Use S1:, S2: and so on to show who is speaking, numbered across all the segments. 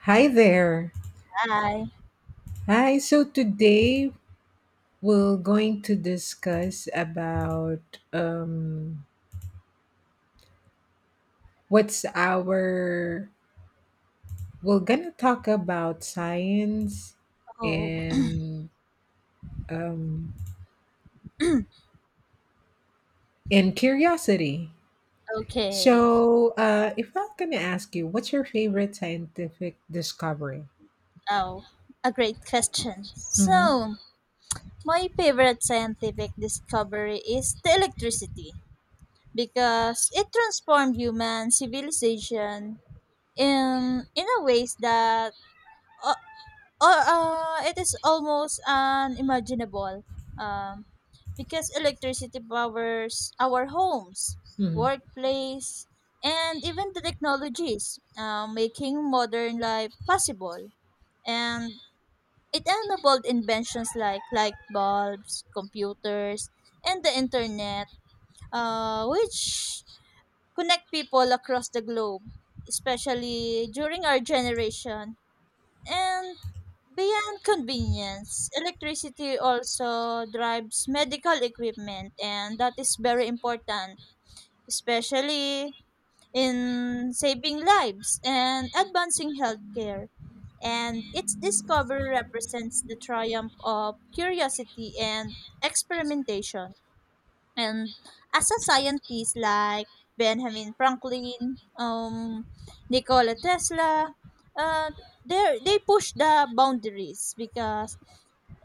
S1: Hi there.
S2: Hi.
S1: Hi. So today we're going to discuss about what's our. we're gonna talk about science
S2: Oh,
S1: and um, and curiosity.
S2: okay.
S1: So if I'm gonna ask you, what's your favorite scientific discovery?
S2: Oh, a great question.
S1: Mm-hmm.
S2: So, my favorite scientific discovery is the electricity because it transformed human civilization in a ways that o- Oh, it is almost unimaginable. Um, because electricity powers our homes,
S1: Mm-hmm.
S2: workplace, and even the technologies, making modern life possible. And it enabled inventions like light bulbs, computers, and the internet, which connect people across the globe, especially during our generation. And beyond convenience, electricity also drives medical equipment, and that is very important, especially in saving lives and advancing healthcare. And its discovery represents the triumph of curiosity and experimentation. And as a scientist like Benjamin Franklin, Nikola Tesla, uh, they push the boundaries because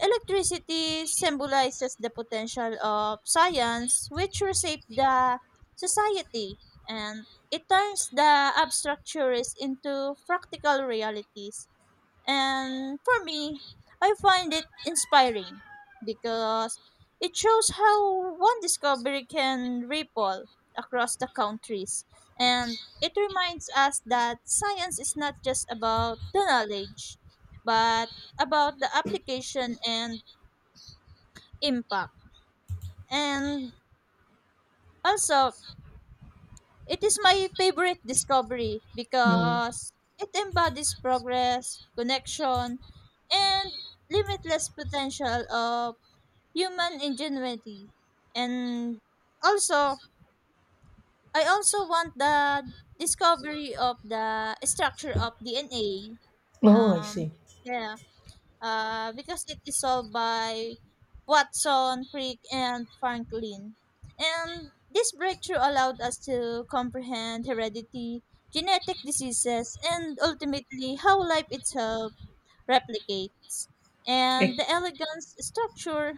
S2: electricity symbolizes the potential of science which reshapes the society, and it turns the abstract theories into practical realities. And for me, I find it inspiring because it shows how one discovery can ripple across the countries. And it reminds us that science is not just about the knowledge, but about the application and impact. And also, it is my favorite discovery
S1: Hmm.
S2: because it embodies progress, connection, and limitless potential of human ingenuity. And also, I also want the discovery of the structure of DNA.
S1: Oh, I
S2: Um,
S1: see.
S2: yeah, because it is solved by Watson, Crick, and Franklin. And this breakthrough allowed us to comprehend heredity, genetic diseases, and ultimately how life itself replicates.
S1: E-
S2: And the elegant structure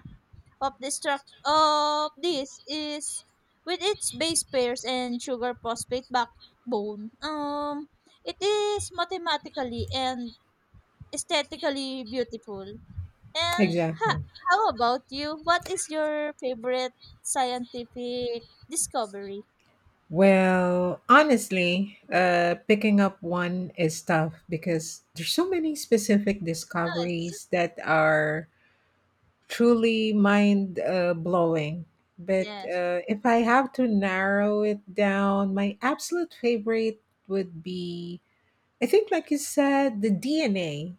S2: of this is with its base pairs and sugar phosphate backbone. It is mathematically and aesthetically beautiful. And ha-
S1: Exactly.
S2: how about you? What is your favorite scientific discovery?
S1: Well, honestly, picking up one is tough because there's so many specific
S2: Yes.
S1: discoveries that are truly mind blowing. But
S2: Yes.
S1: if I have to narrow it down, my absolute favorite would be, I think, like you said, the DNA,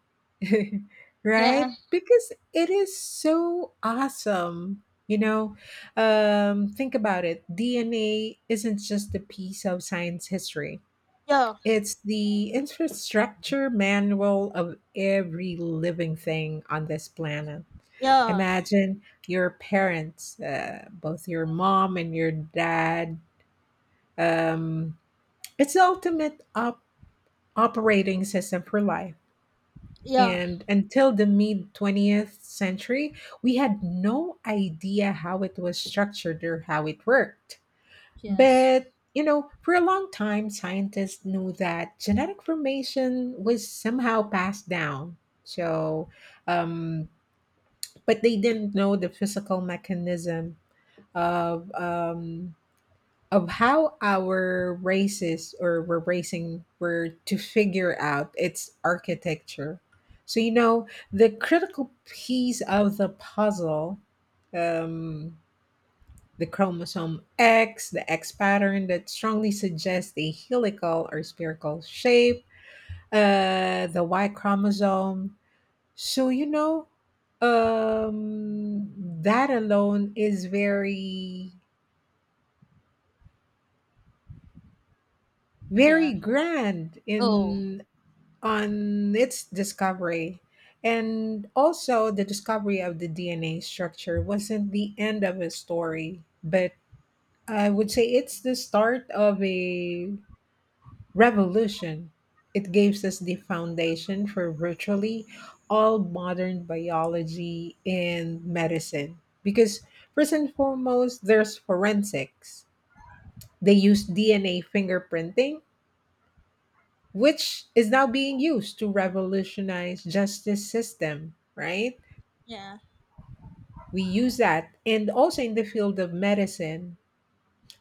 S1: right?
S2: Yeah.
S1: Because it is so awesome. You know, think about it. DNA isn't just a piece of science history,
S2: Yeah.
S1: it's the infrastructure manual of every living thing on this planet.
S2: Yeah.
S1: Imagine your parents, both your mom and your dad. Um, it's the ultimate operating system for life.
S2: Yeah.
S1: And until the mid 20th century, we had no idea how it was structured or how it worked.
S2: Yes.
S1: But, you know, for a long time, scientists knew that genetic formation was somehow passed down. So, um, but they didn't know the physical mechanism of um, of how our races or we're racing were to figure out its architecture. So, you know, the critical piece of the puzzle, um, the chromosome X, the X pattern that strongly suggests a helical or spherical shape, the Y chromosome. So you know that alone is very
S2: Yeah.
S1: very grand
S2: Oh.
S1: in on its discovery. And also, the discovery of the DNA structure wasn't the end of a story, but I would say it's the start of a revolution. It gives us the foundation for virtually all modern biology and medicine. Because, first and foremost, there's forensics. They use DNA fingerprinting, which is now being used to revolutionize justice system, right?
S2: Yeah.
S1: We use that, and also in the field of medicine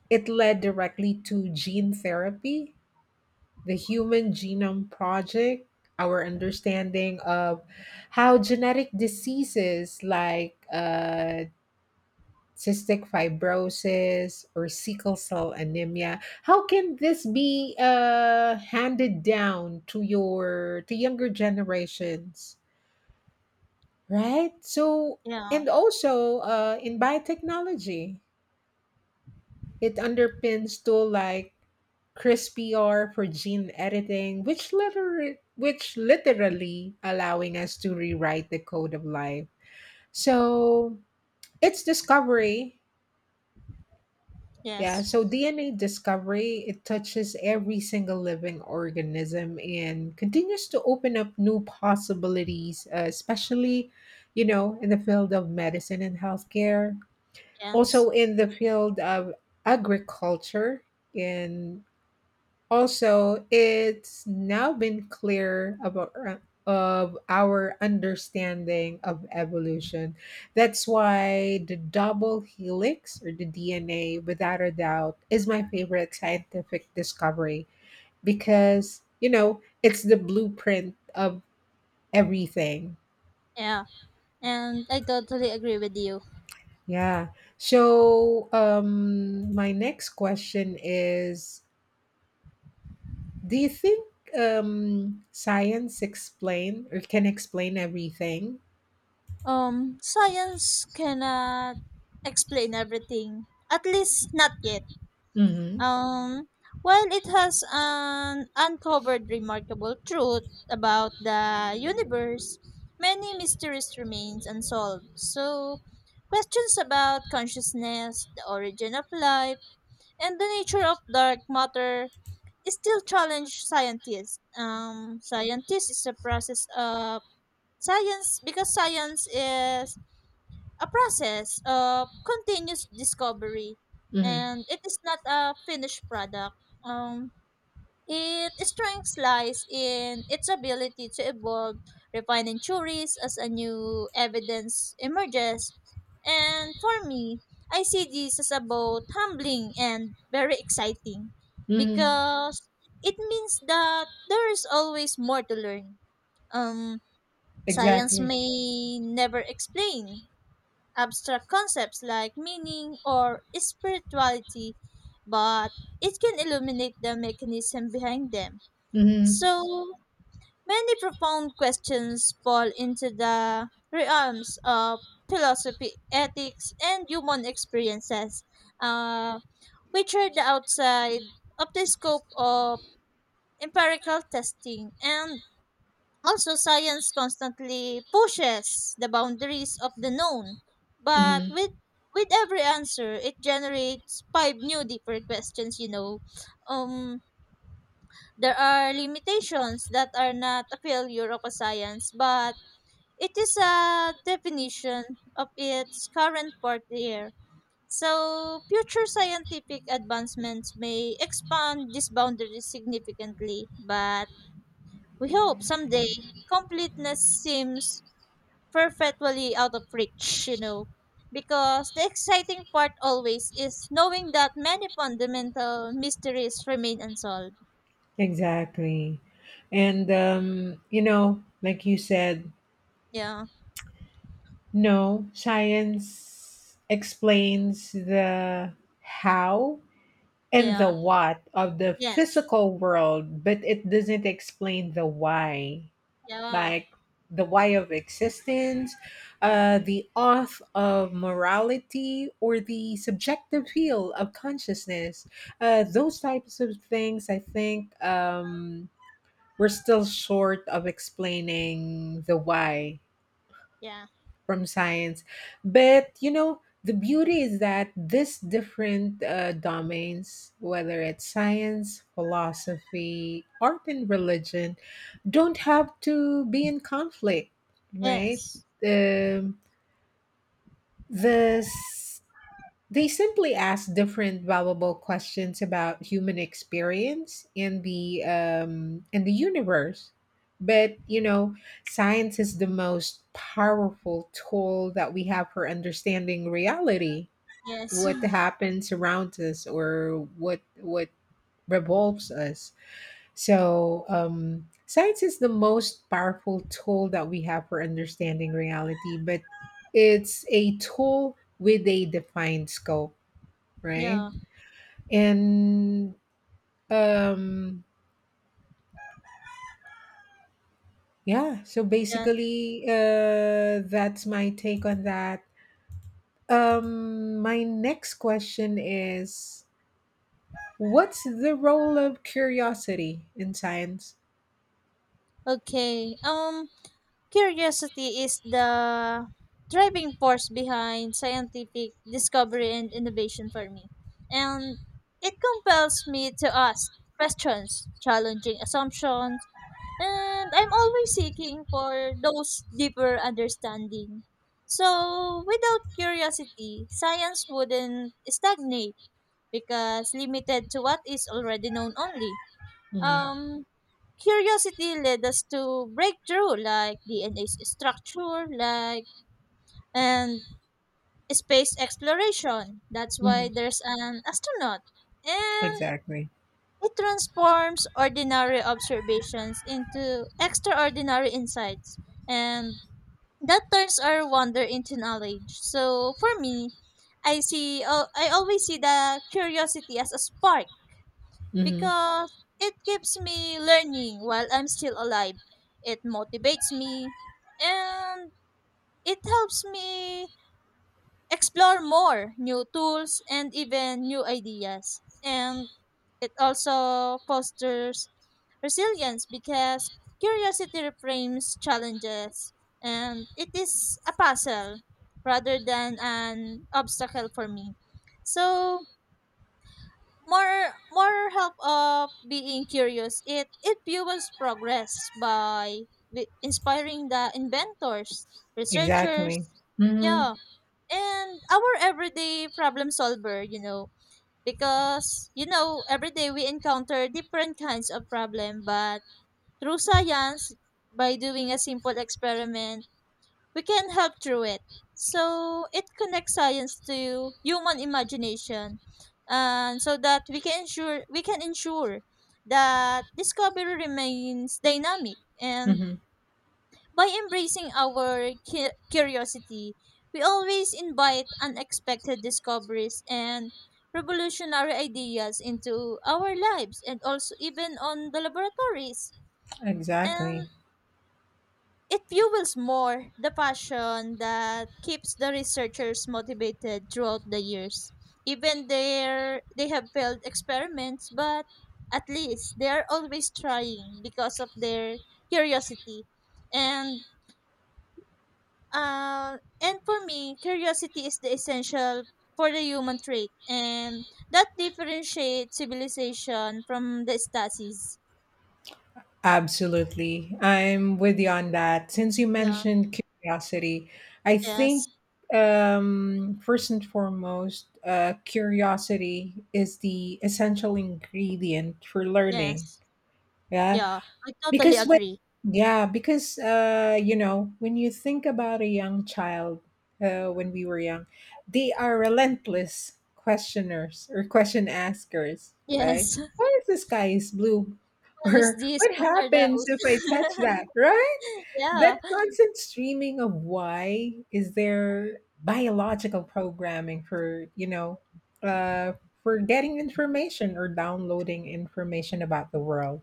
S1: it led directly to gene therapy, the human genome project, our understanding of how genetic diseases like cystic fibrosis or sickle cell anemia, how can this be handed down to your to younger generations, right? So,
S2: Yeah.
S1: and also in biotechnology, it underpins tool like crispr for gene editing, which literally allowing us to rewrite the code of life. So it's discovery, yeah,
S2: Yes.
S1: so dna discovery, it touches every single living organism and continues to open up new possibilities, especially you know in the field of medicine and healthcare, also
S2: Yes.
S1: in the field of agriculture, and also it's now been clear about of our understanding of evolution. That's why the double helix or the dna without a doubt is my favorite scientific discovery, because you know it's the blueprint of everything.
S2: Yeah. And I totally agree with you.
S1: Yeah, so my next question is, do you think science explain or can explain everything?
S2: Science cannot explain everything, at least not yet.
S1: Hmm.
S2: Um, while it has an uncovered remarkable truth about the universe, many mysteries remains unsolved. So, questions about consciousness, the origin of life, and the nature of dark matter still challenge scientists. Scientists is a process of science because Science is a process of continuous discovery,
S1: Hmm.
S2: and it is not a finished product. um it strength lies in its ability to evolve, refining theories as a new evidence emerges. And for me, I see this as about humbling and very exciting
S1: Hmm.
S2: because it means that there is always more to learn. um Science
S1: Exactly.
S2: may never explain abstract concepts like meaning or spirituality, but it can illuminate the mechanism behind them.
S1: Hmm.
S2: So many profound questions fall into the realms of philosophy, ethics, and human experiences, uh, which are the outside of the scope of empirical testing. And also, science constantly pushes the boundaries of the known, but
S1: Hmm.
S2: with every answer, it generates five new deeper questions. You know, um, there are limitations that are not a failure of a science, but it is a definition of its current frontier. So, future scientific advancements may expand these boundaries significantly, but we hope someday completeness seems perfectly out of reach, you know. Because the exciting part always is knowing that many fundamental mysteries remain unsolved.
S1: Exactly. And you know, like you said,
S2: Yeah,
S1: no, science explains the how and the
S2: yeah,
S1: what of the
S2: yes,
S1: physical world, but it doesn't explain the why.
S2: yeah,
S1: Like the why of existence, the oath of morality, or the subjective feel of consciousness. Those types of things, I think, we're still short of explaining the why
S2: yeah,
S1: from science. But you know, the beauty is that these different domains, whether it's science, philosophy, art, and religion, don't have to be in conflict, right?
S2: yes,
S1: Um, this they simply ask different valuable questions about human experience and the universe. But you know, science is the most powerful tool that we have for understanding reality,
S2: yes,
S1: what happens around us, or what revolves us. So science is the most powerful tool that we have for understanding reality, but it's a tool with a defined scope. Right?
S2: yeah,
S1: And um yeah, so
S2: yeah.
S1: basically that's my take on that. My next question is, what's the role of curiosity in science?
S2: Okay, curiosity is the driving force behind scientific discovery and innovation for me. And it compels me to ask questions, challenging assumptions, and I'm always seeking for those deeper understanding. So, without curiosity, science wouldn't stagnate because limited to what is already known only.
S1: Hmm.
S2: Um, Curiosity led us to breakthrough like DNA structure, like and space exploration. That's
S1: Hmm.
S2: why there's an astronaut. And
S1: Exactly.
S2: it transforms ordinary observations into extraordinary insights, and that turns our wonder into knowledge. So for me, I always see the curiosity as a spark
S1: Hmm.
S2: because it keeps me learning while I'm still alive. It motivates me and it helps me explore more new tools and even new ideas. And it also fosters resilience because curiosity reframes challenges, and it is a puzzle rather than an obstacle for me. So more help of being curious. It fuels progress by inspiring the inventors,
S1: Exactly.
S2: researchers,
S1: Hmm.
S2: yeah, and our everyday problem solver, you know, because you know every day we encounter different kinds of problem, but through science, by doing a simple experiment, we can help through it. So it connects science to human imagination, and so that we can ensure that discovery remains dynamic. And
S1: Hmm.
S2: by embracing our curiosity, we always invite unexpected discoveries and revolutionary ideas into our lives and also even on the laboratories. And
S1: Exactly.
S2: it fuels more the passion that keeps the researchers motivated throughout the years. Even there, they have failed experiments, but at least they are always trying because of their curiosity. And and for me, curiosity is the essential for the human trait, and that differentiates civilization from the stasis.
S1: Absolutely. I'm with you on that. Since you
S2: Yeah.
S1: mentioned curiosity, I think,
S2: Yes.
S1: first and foremost, curiosity is the essential ingredient for learning.
S2: Yes.
S1: Yeah.
S2: Yeah. I totally
S1: Because when
S2: agree.
S1: yeah, because you know, when you think about a young child, when we were young, they are relentless questioners or question askers, right?
S2: Yes.
S1: What if the sky is blue?
S2: What is
S1: Or
S2: this?
S1: what
S2: What are
S1: happens
S2: those?
S1: if I touch that, right?
S2: Yeah.
S1: That constant streaming of why is there biological programming for, you know, uh, for getting information or downloading information about the world.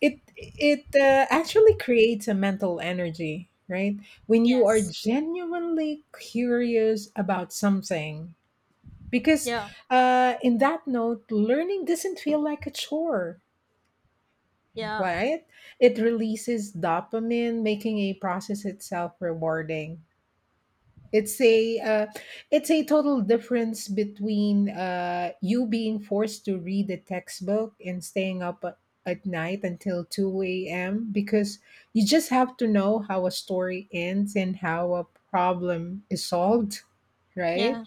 S1: It actually creates a mental energy, right? When you are
S2: Yes.
S1: genuinely curious about something, because
S2: Yeah.
S1: in that note, learning doesn't feel like a chore,
S2: Yeah.
S1: right? It releases dopamine, making a process itself rewarding. it's
S2: Yeah.
S1: a uh, it's a total difference between you being forced to read a textbook and staying up at night until 2 a.m. because you just have to know how a story ends and how a problem is solved, right?
S2: Yeah.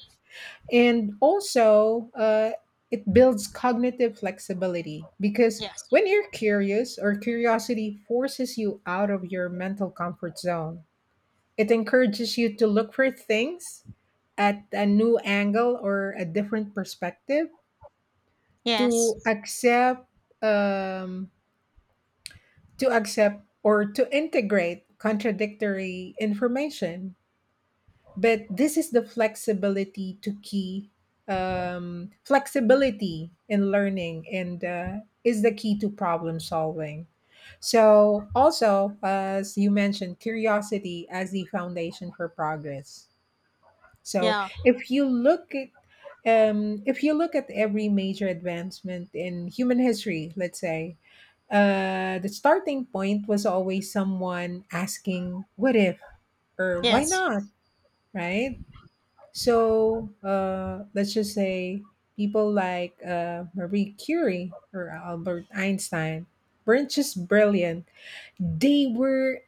S1: And also, it builds cognitive flexibility, because
S2: Yes.
S1: when you're curious, or curiosity forces you out of your mental comfort zone, it encourages you to look for things at a new angle or a different perspective, to
S2: Yes.
S1: accept um, to accept or to integrate contradictory information. But this is the flexibility to key, flexibility in learning and is the key to problem solving. So also, as you mentioned, curiosity as the foundation for progress. So
S2: Yeah.
S1: if you look at if you look at every major advancement in human history, let's say, the starting point was always someone asking, "What if?" or "Why
S2: Yes.
S1: not?" Right? So let's just say people like Marie Curie or Albert Einstein weren't just brilliant; they were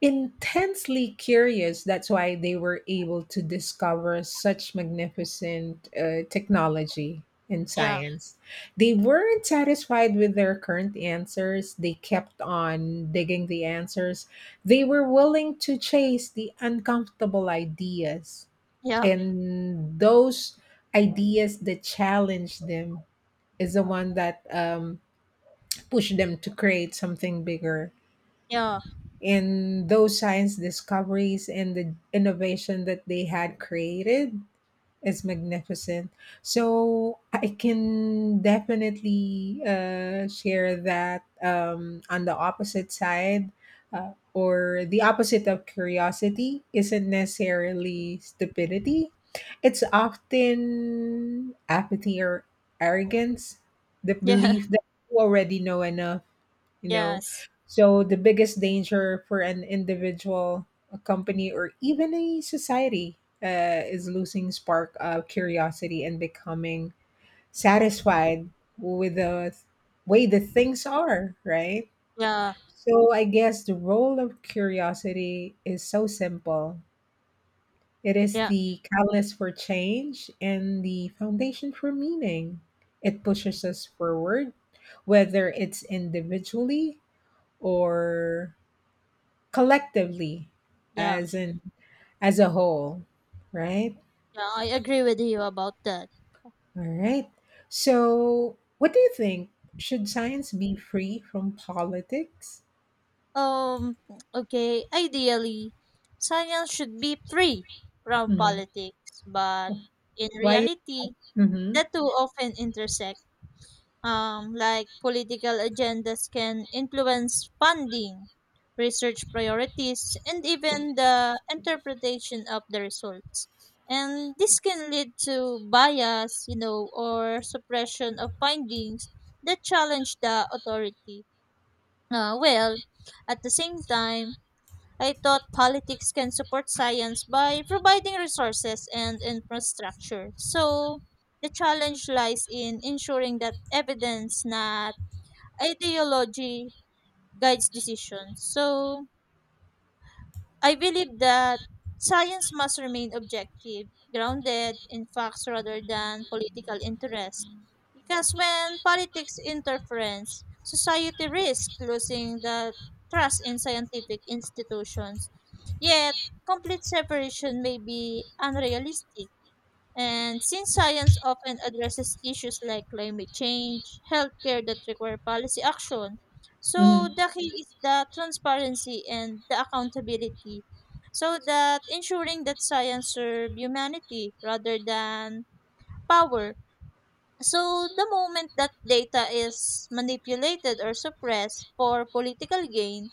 S1: intensely curious. That's why they were able to discover such magnificent technology and
S2: Yeah.
S1: science. They weren't satisfied with their current answers. They kept on digging the answers. They were willing to chase the uncomfortable ideas.
S2: Yeah.
S1: And those ideas that challenge them is the one that push them to create something bigger
S2: Yeah.
S1: in those science discoveries, and the innovation that they had created is magnificent. So I can definitely share that, on the opposite side, or the opposite of curiosity isn't necessarily stupidity. It's often apathy or arrogance, the
S2: Yeah.
S1: belief that you already know enough, you know.
S2: Yes.
S1: So the biggest danger for an individual, a company, or even a society is losing spark of curiosity and becoming satisfied with the way the things are, right?
S2: Yeah.
S1: So I guess the role of curiosity is so simple. It is
S2: Yeah.
S1: the catalyst for change and the foundation for meaning. It pushes us forward, whether it's individually or collectively,
S2: Yeah.
S1: as in as a whole, right?
S2: Yeah. I agree with you about that.
S1: All right. So, what do you think? Should science be free from politics?
S2: Um, okay, ideally, science should be free from
S1: Mm.
S2: politics, but in
S1: Why?
S2: reality,
S1: Mm-hmm.
S2: the two often intersect. Like political agendas can influence funding, research priorities, and even the interpretation of the results. And this can lead to bias, you know, or suppression of findings that challenge the authority. Uh, well, at the same time, I thought politics can support science by providing resources and infrastructure. So, the challenge lies in ensuring that evidence, not ideology, guides decisions. So, I believe that science must remain objective, grounded in facts rather than political interest. Because when politics interferes, society risks losing the trust in scientific institutions. Yet, complete separation may be unrealistic. And since science often addresses issues like climate change, healthcare that require policy action, so
S1: Mm-hmm.
S2: the key is the transparency and the accountability. So that ensuring that science serve humanity rather than power. So the moment that data is manipulated or suppressed for political gain,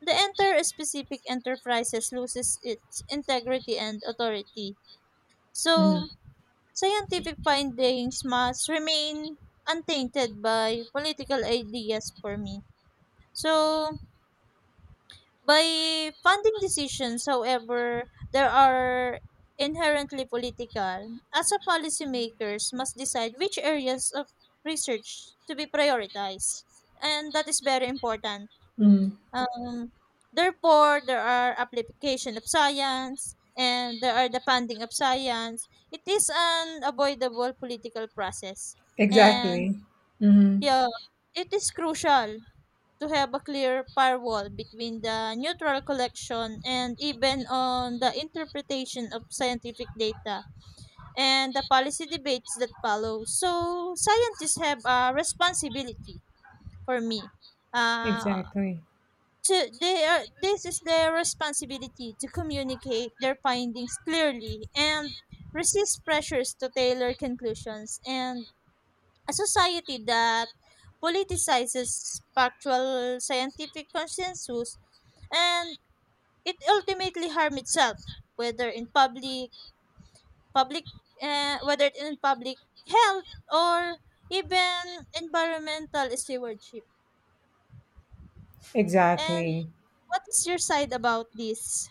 S2: the entire specific enterprises loses its integrity and authority.
S1: Mm-hmm.
S2: So scientific findings must remain untainted by political ideas for me. So, by funding decisions, however, there are inherently political. As a policymakers must decide which areas of research to be prioritized. And that is very important.
S1: Mm.
S2: Um, Therefore, there are application of science and there are the funding of science. It is an avoidable political process. And
S1: Exactly. Mm-hmm.
S2: yeah, it is crucial to have a clear firewall between the neutral collection and even on the interpretation of scientific data and the policy debates that follow. So scientists have a responsibility for me. Uh,
S1: Exactly.
S2: to They are this is their responsibility to communicate their findings clearly and resist pressures to tailor conclusions. And a society that politicizes factual scientific consensus, and it ultimately harm itself, whether in public public whether in public health or even environmental stewardship. And
S1: Exactly.
S2: what is your side about this?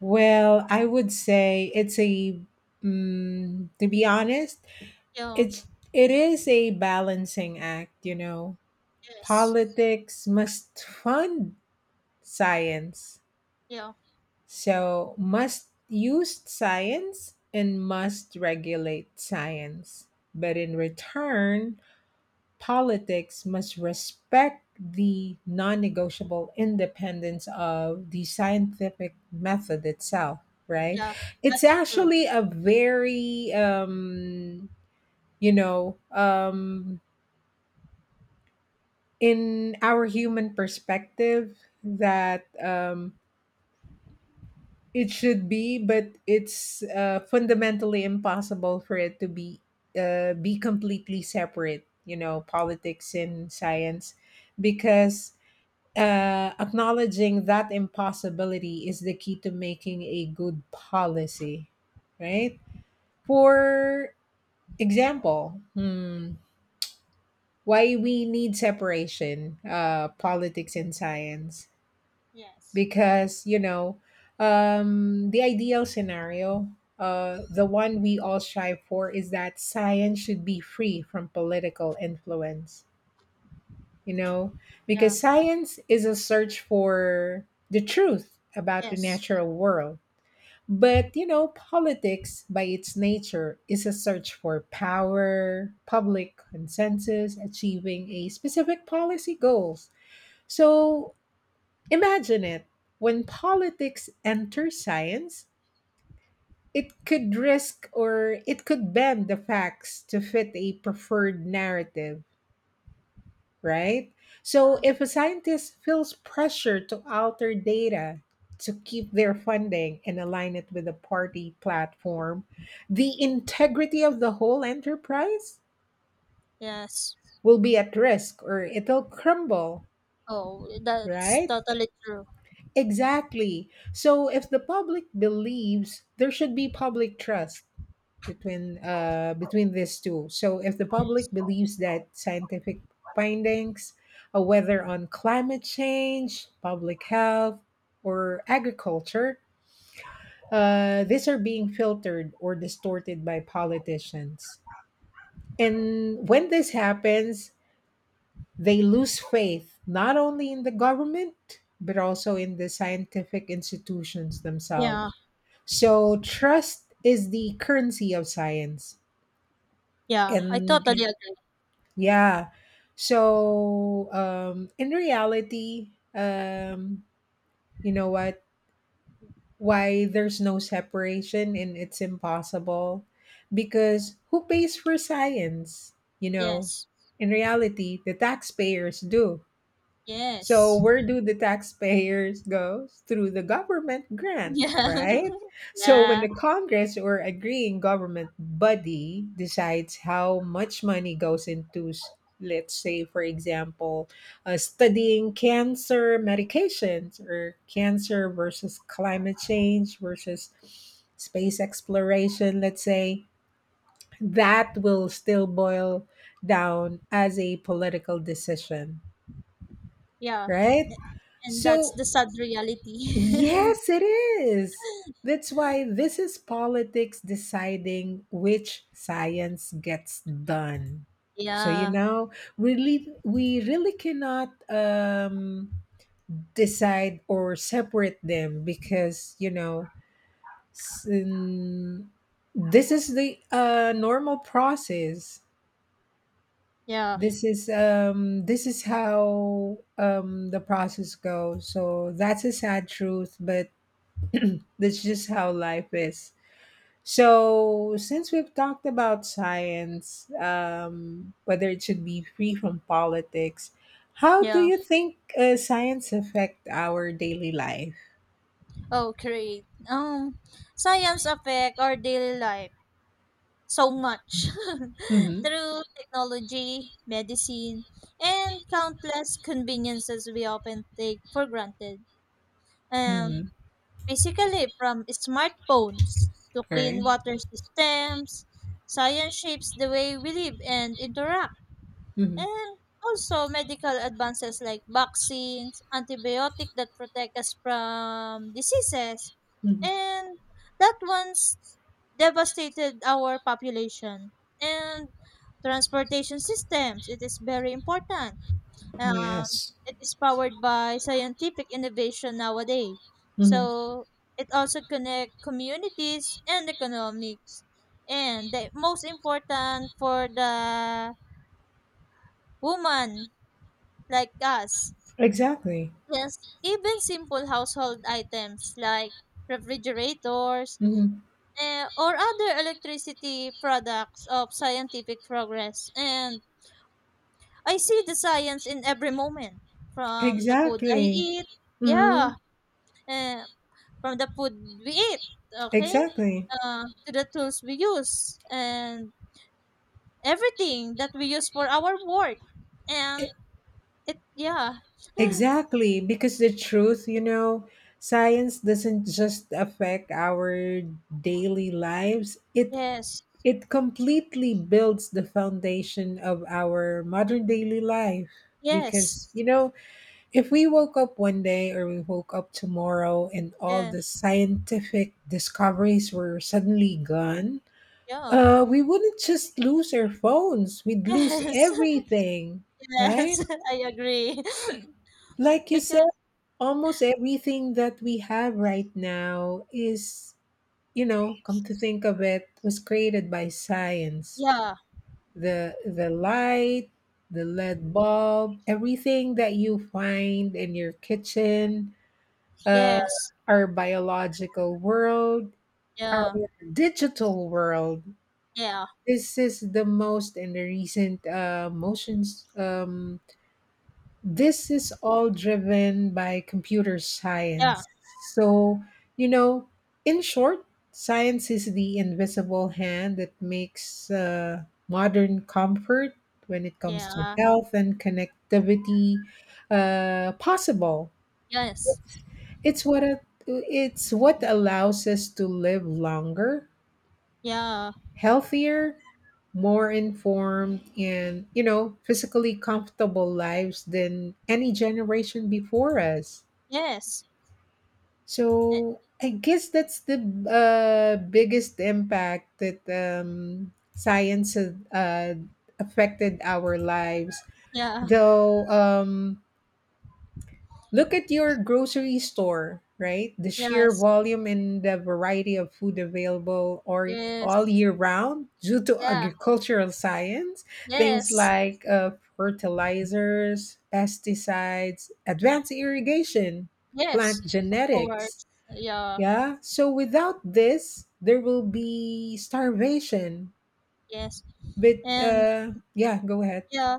S1: Well, I would say it's a. Mm, to be honest,
S2: Yeah,
S1: it's it is a balancing act. You know,
S2: yes,
S1: politics must fund science.
S2: yeah,
S1: So, must use science and must regulate science. But in return, politics must respect the non negotiable independence of the scientific method itself, right?
S2: yeah,
S1: It's
S2: that's true.
S1: actually a very, you know, in our human perspective, that it should be, but it's fundamentally impossible for it to be completely separate. You know, politics and science, because acknowledging that impossibility is the key to making a good policy, right? For example, hmm, why we need separation, politics and science,
S2: Yes.
S1: because you know the ideal scenario, the one we all strive for, is that science should be free from political influence, you know,
S2: Yeah.
S1: because science is a search for the truth about the
S2: Yes.
S1: natural world. But you know, politics by its nature is a search for power, public consensus, achieving a specific policy goals. So imagine it. When politics enters science, it could risk or it could bend the facts to fit a preferred narrative, right? So
S2: Yeah.
S1: if a scientist feels pressure to alter data to keep their funding and align it with a party platform, the integrity of the whole enterprise
S2: Yes.
S1: will be at risk, or it'll crumble,
S2: Oh, that's
S1: right?
S2: totally true.
S1: Exactly. So if the public believes, there should be public trust between between these two. So if the
S2: Yes.
S1: public believes that scientific findings, whether on climate change, public health, or agriculture, these are being filtered or distorted by politicians. And when this happens, they lose faith not only in the government, but also in the scientific institutions
S2: Yeah.
S1: themselves. So trust is the currency of science.
S2: Yeah. I
S1: And
S2: totally agree.
S1: yeah. So in reality, you know what? Why there's no separation, and it's impossible, because who pays for science, you know?
S2: Yes.
S1: In reality, the taxpayers do. So
S2: Yes.
S1: where do the taxpayers go? Through the government grant,
S2: Yeah.
S1: right? So when the
S2: Yeah.
S1: Congress or agreeing government body decides how much money goes into, let's say, for example, studying cancer medications or cancer versus climate change versus space exploration, let's say, that will still boil down as a political decision,
S2: Yeah.
S1: right?
S2: And that's
S1: So
S2: the sad reality.
S1: yes, it is. That's why this is politics deciding which science gets done. So you
S2: Yeah.
S1: know, really, we really cannot decide or separate them, because you know s- um, this is the normal process.
S2: Yeah.
S1: This is, this is how, the process goes. So that's a sad truth, but that's just how life is. So, since we've talked about science, whether it should be free from politics, how do
S2: Yeah.
S1: you think science affect our daily life?
S2: Oh, great. Science affect our daily life so much
S1: Mm-hmm.
S2: through technology, medicine, and countless conveniences we often take for granted.
S1: Mm-hmm.
S2: Um, Basically, from smartphones to
S1: All right.
S2: clean water systems, science shapes the way we live and interact.
S1: Mm-hmm.
S2: And also, medical advances like vaccines, antibiotics that protect us from diseases,
S1: Mm-hmm.
S2: and that ones devastated our population and transportation systems. It is very important. Um,
S1: Yes.
S2: it is powered by scientific innovation nowadays.
S1: Mm-hmm.
S2: So it also connects communities and economics. And the most important for the woman like us.
S1: Exactly.
S2: Yes, even simple household items like refrigerators,
S1: Mm-hmm.
S2: or other electricity products of scientific progress. And I see the science in every moment from the food I
S1: Exactly.
S2: eat,
S1: Mm-hmm.
S2: yeah, eh, from the food we eat, okay,
S1: Exactly.
S2: to the tools we use, and everything that we use for our work. And it, yeah,
S1: Exactly, because the truth, you know, science doesn't just affect our daily lives. It
S2: yes,
S1: it completely builds the foundation of our modern daily life,
S2: yes,
S1: because, you know, if we woke up one day or we woke up tomorrow and all
S2: yeah,
S1: the scientific discoveries were suddenly gone,
S2: yeah.
S1: we wouldn't just lose our phones, we'd lose
S2: Yes,
S1: everything, right?
S2: yes, I agree.
S1: Like you said,
S2: Because,
S1: almost everything that we have right now is, you know, come to think of it, was created by science.
S2: yeah,
S1: The light, the lead bulb, everything that you find in your kitchen, uh,
S2: yes,
S1: our biological world, our
S2: yeah,
S1: digital world.
S2: yeah,
S1: This is the most in the recent motions, this is all driven by computer
S2: yeah.
S1: science. So, you know, in short, science is the invisible hand that makes modern comfort when it comes to
S2: Yeah.
S1: health and connectivity possible.
S2: Yes.
S1: It's what a, it's what allows us to live longer,
S2: Yeah.
S1: healthier, more informed and you know physically comfortable lives than any generation before us.
S2: Yes. Eh,
S1: So I guess that's the biggest impact that science has affected our lives.
S2: Yeah.
S1: Though, look at your grocery store, right? The sheer
S2: Yes.
S1: volume and the variety of food available or all
S2: Yes.
S1: year round due to
S2: Yeah.
S1: agricultural science, things
S2: Yes.
S1: like fertilizers, pesticides, advanced irrigation,
S2: Yes.
S1: plant
S2: Of
S1: genetics.
S2: course. Yeah.
S1: Yeah. So without this, there will be starvation.
S2: Yes.
S1: But
S2: And
S1: yeah, go ahead.
S2: yeah.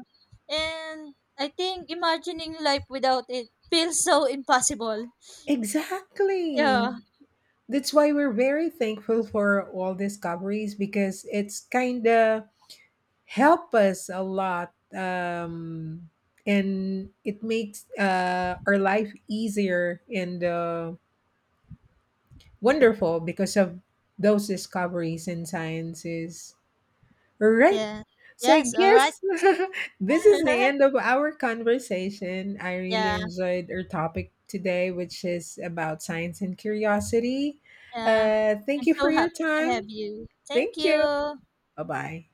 S2: And I think imagining life without it feels so impossible.
S1: Exactly.
S2: Yeah.
S1: That's why we're very thankful for all discoveries, because it's kind of help us a lot, and it makes our life easier and wonderful because of those discoveries and sciences. Right.
S2: Yeah.
S1: So I
S2: Yes. All right.
S1: guess this is the end of our conversation. I really
S2: Yeah.
S1: enjoyed our topic today, which is about science and curiosity.
S2: Yeah.
S1: Thank
S2: I'm
S1: you for
S2: so
S1: your
S2: happy to
S1: time.
S2: have you. Thank
S1: Thank you.
S2: you.
S1: Bye bye.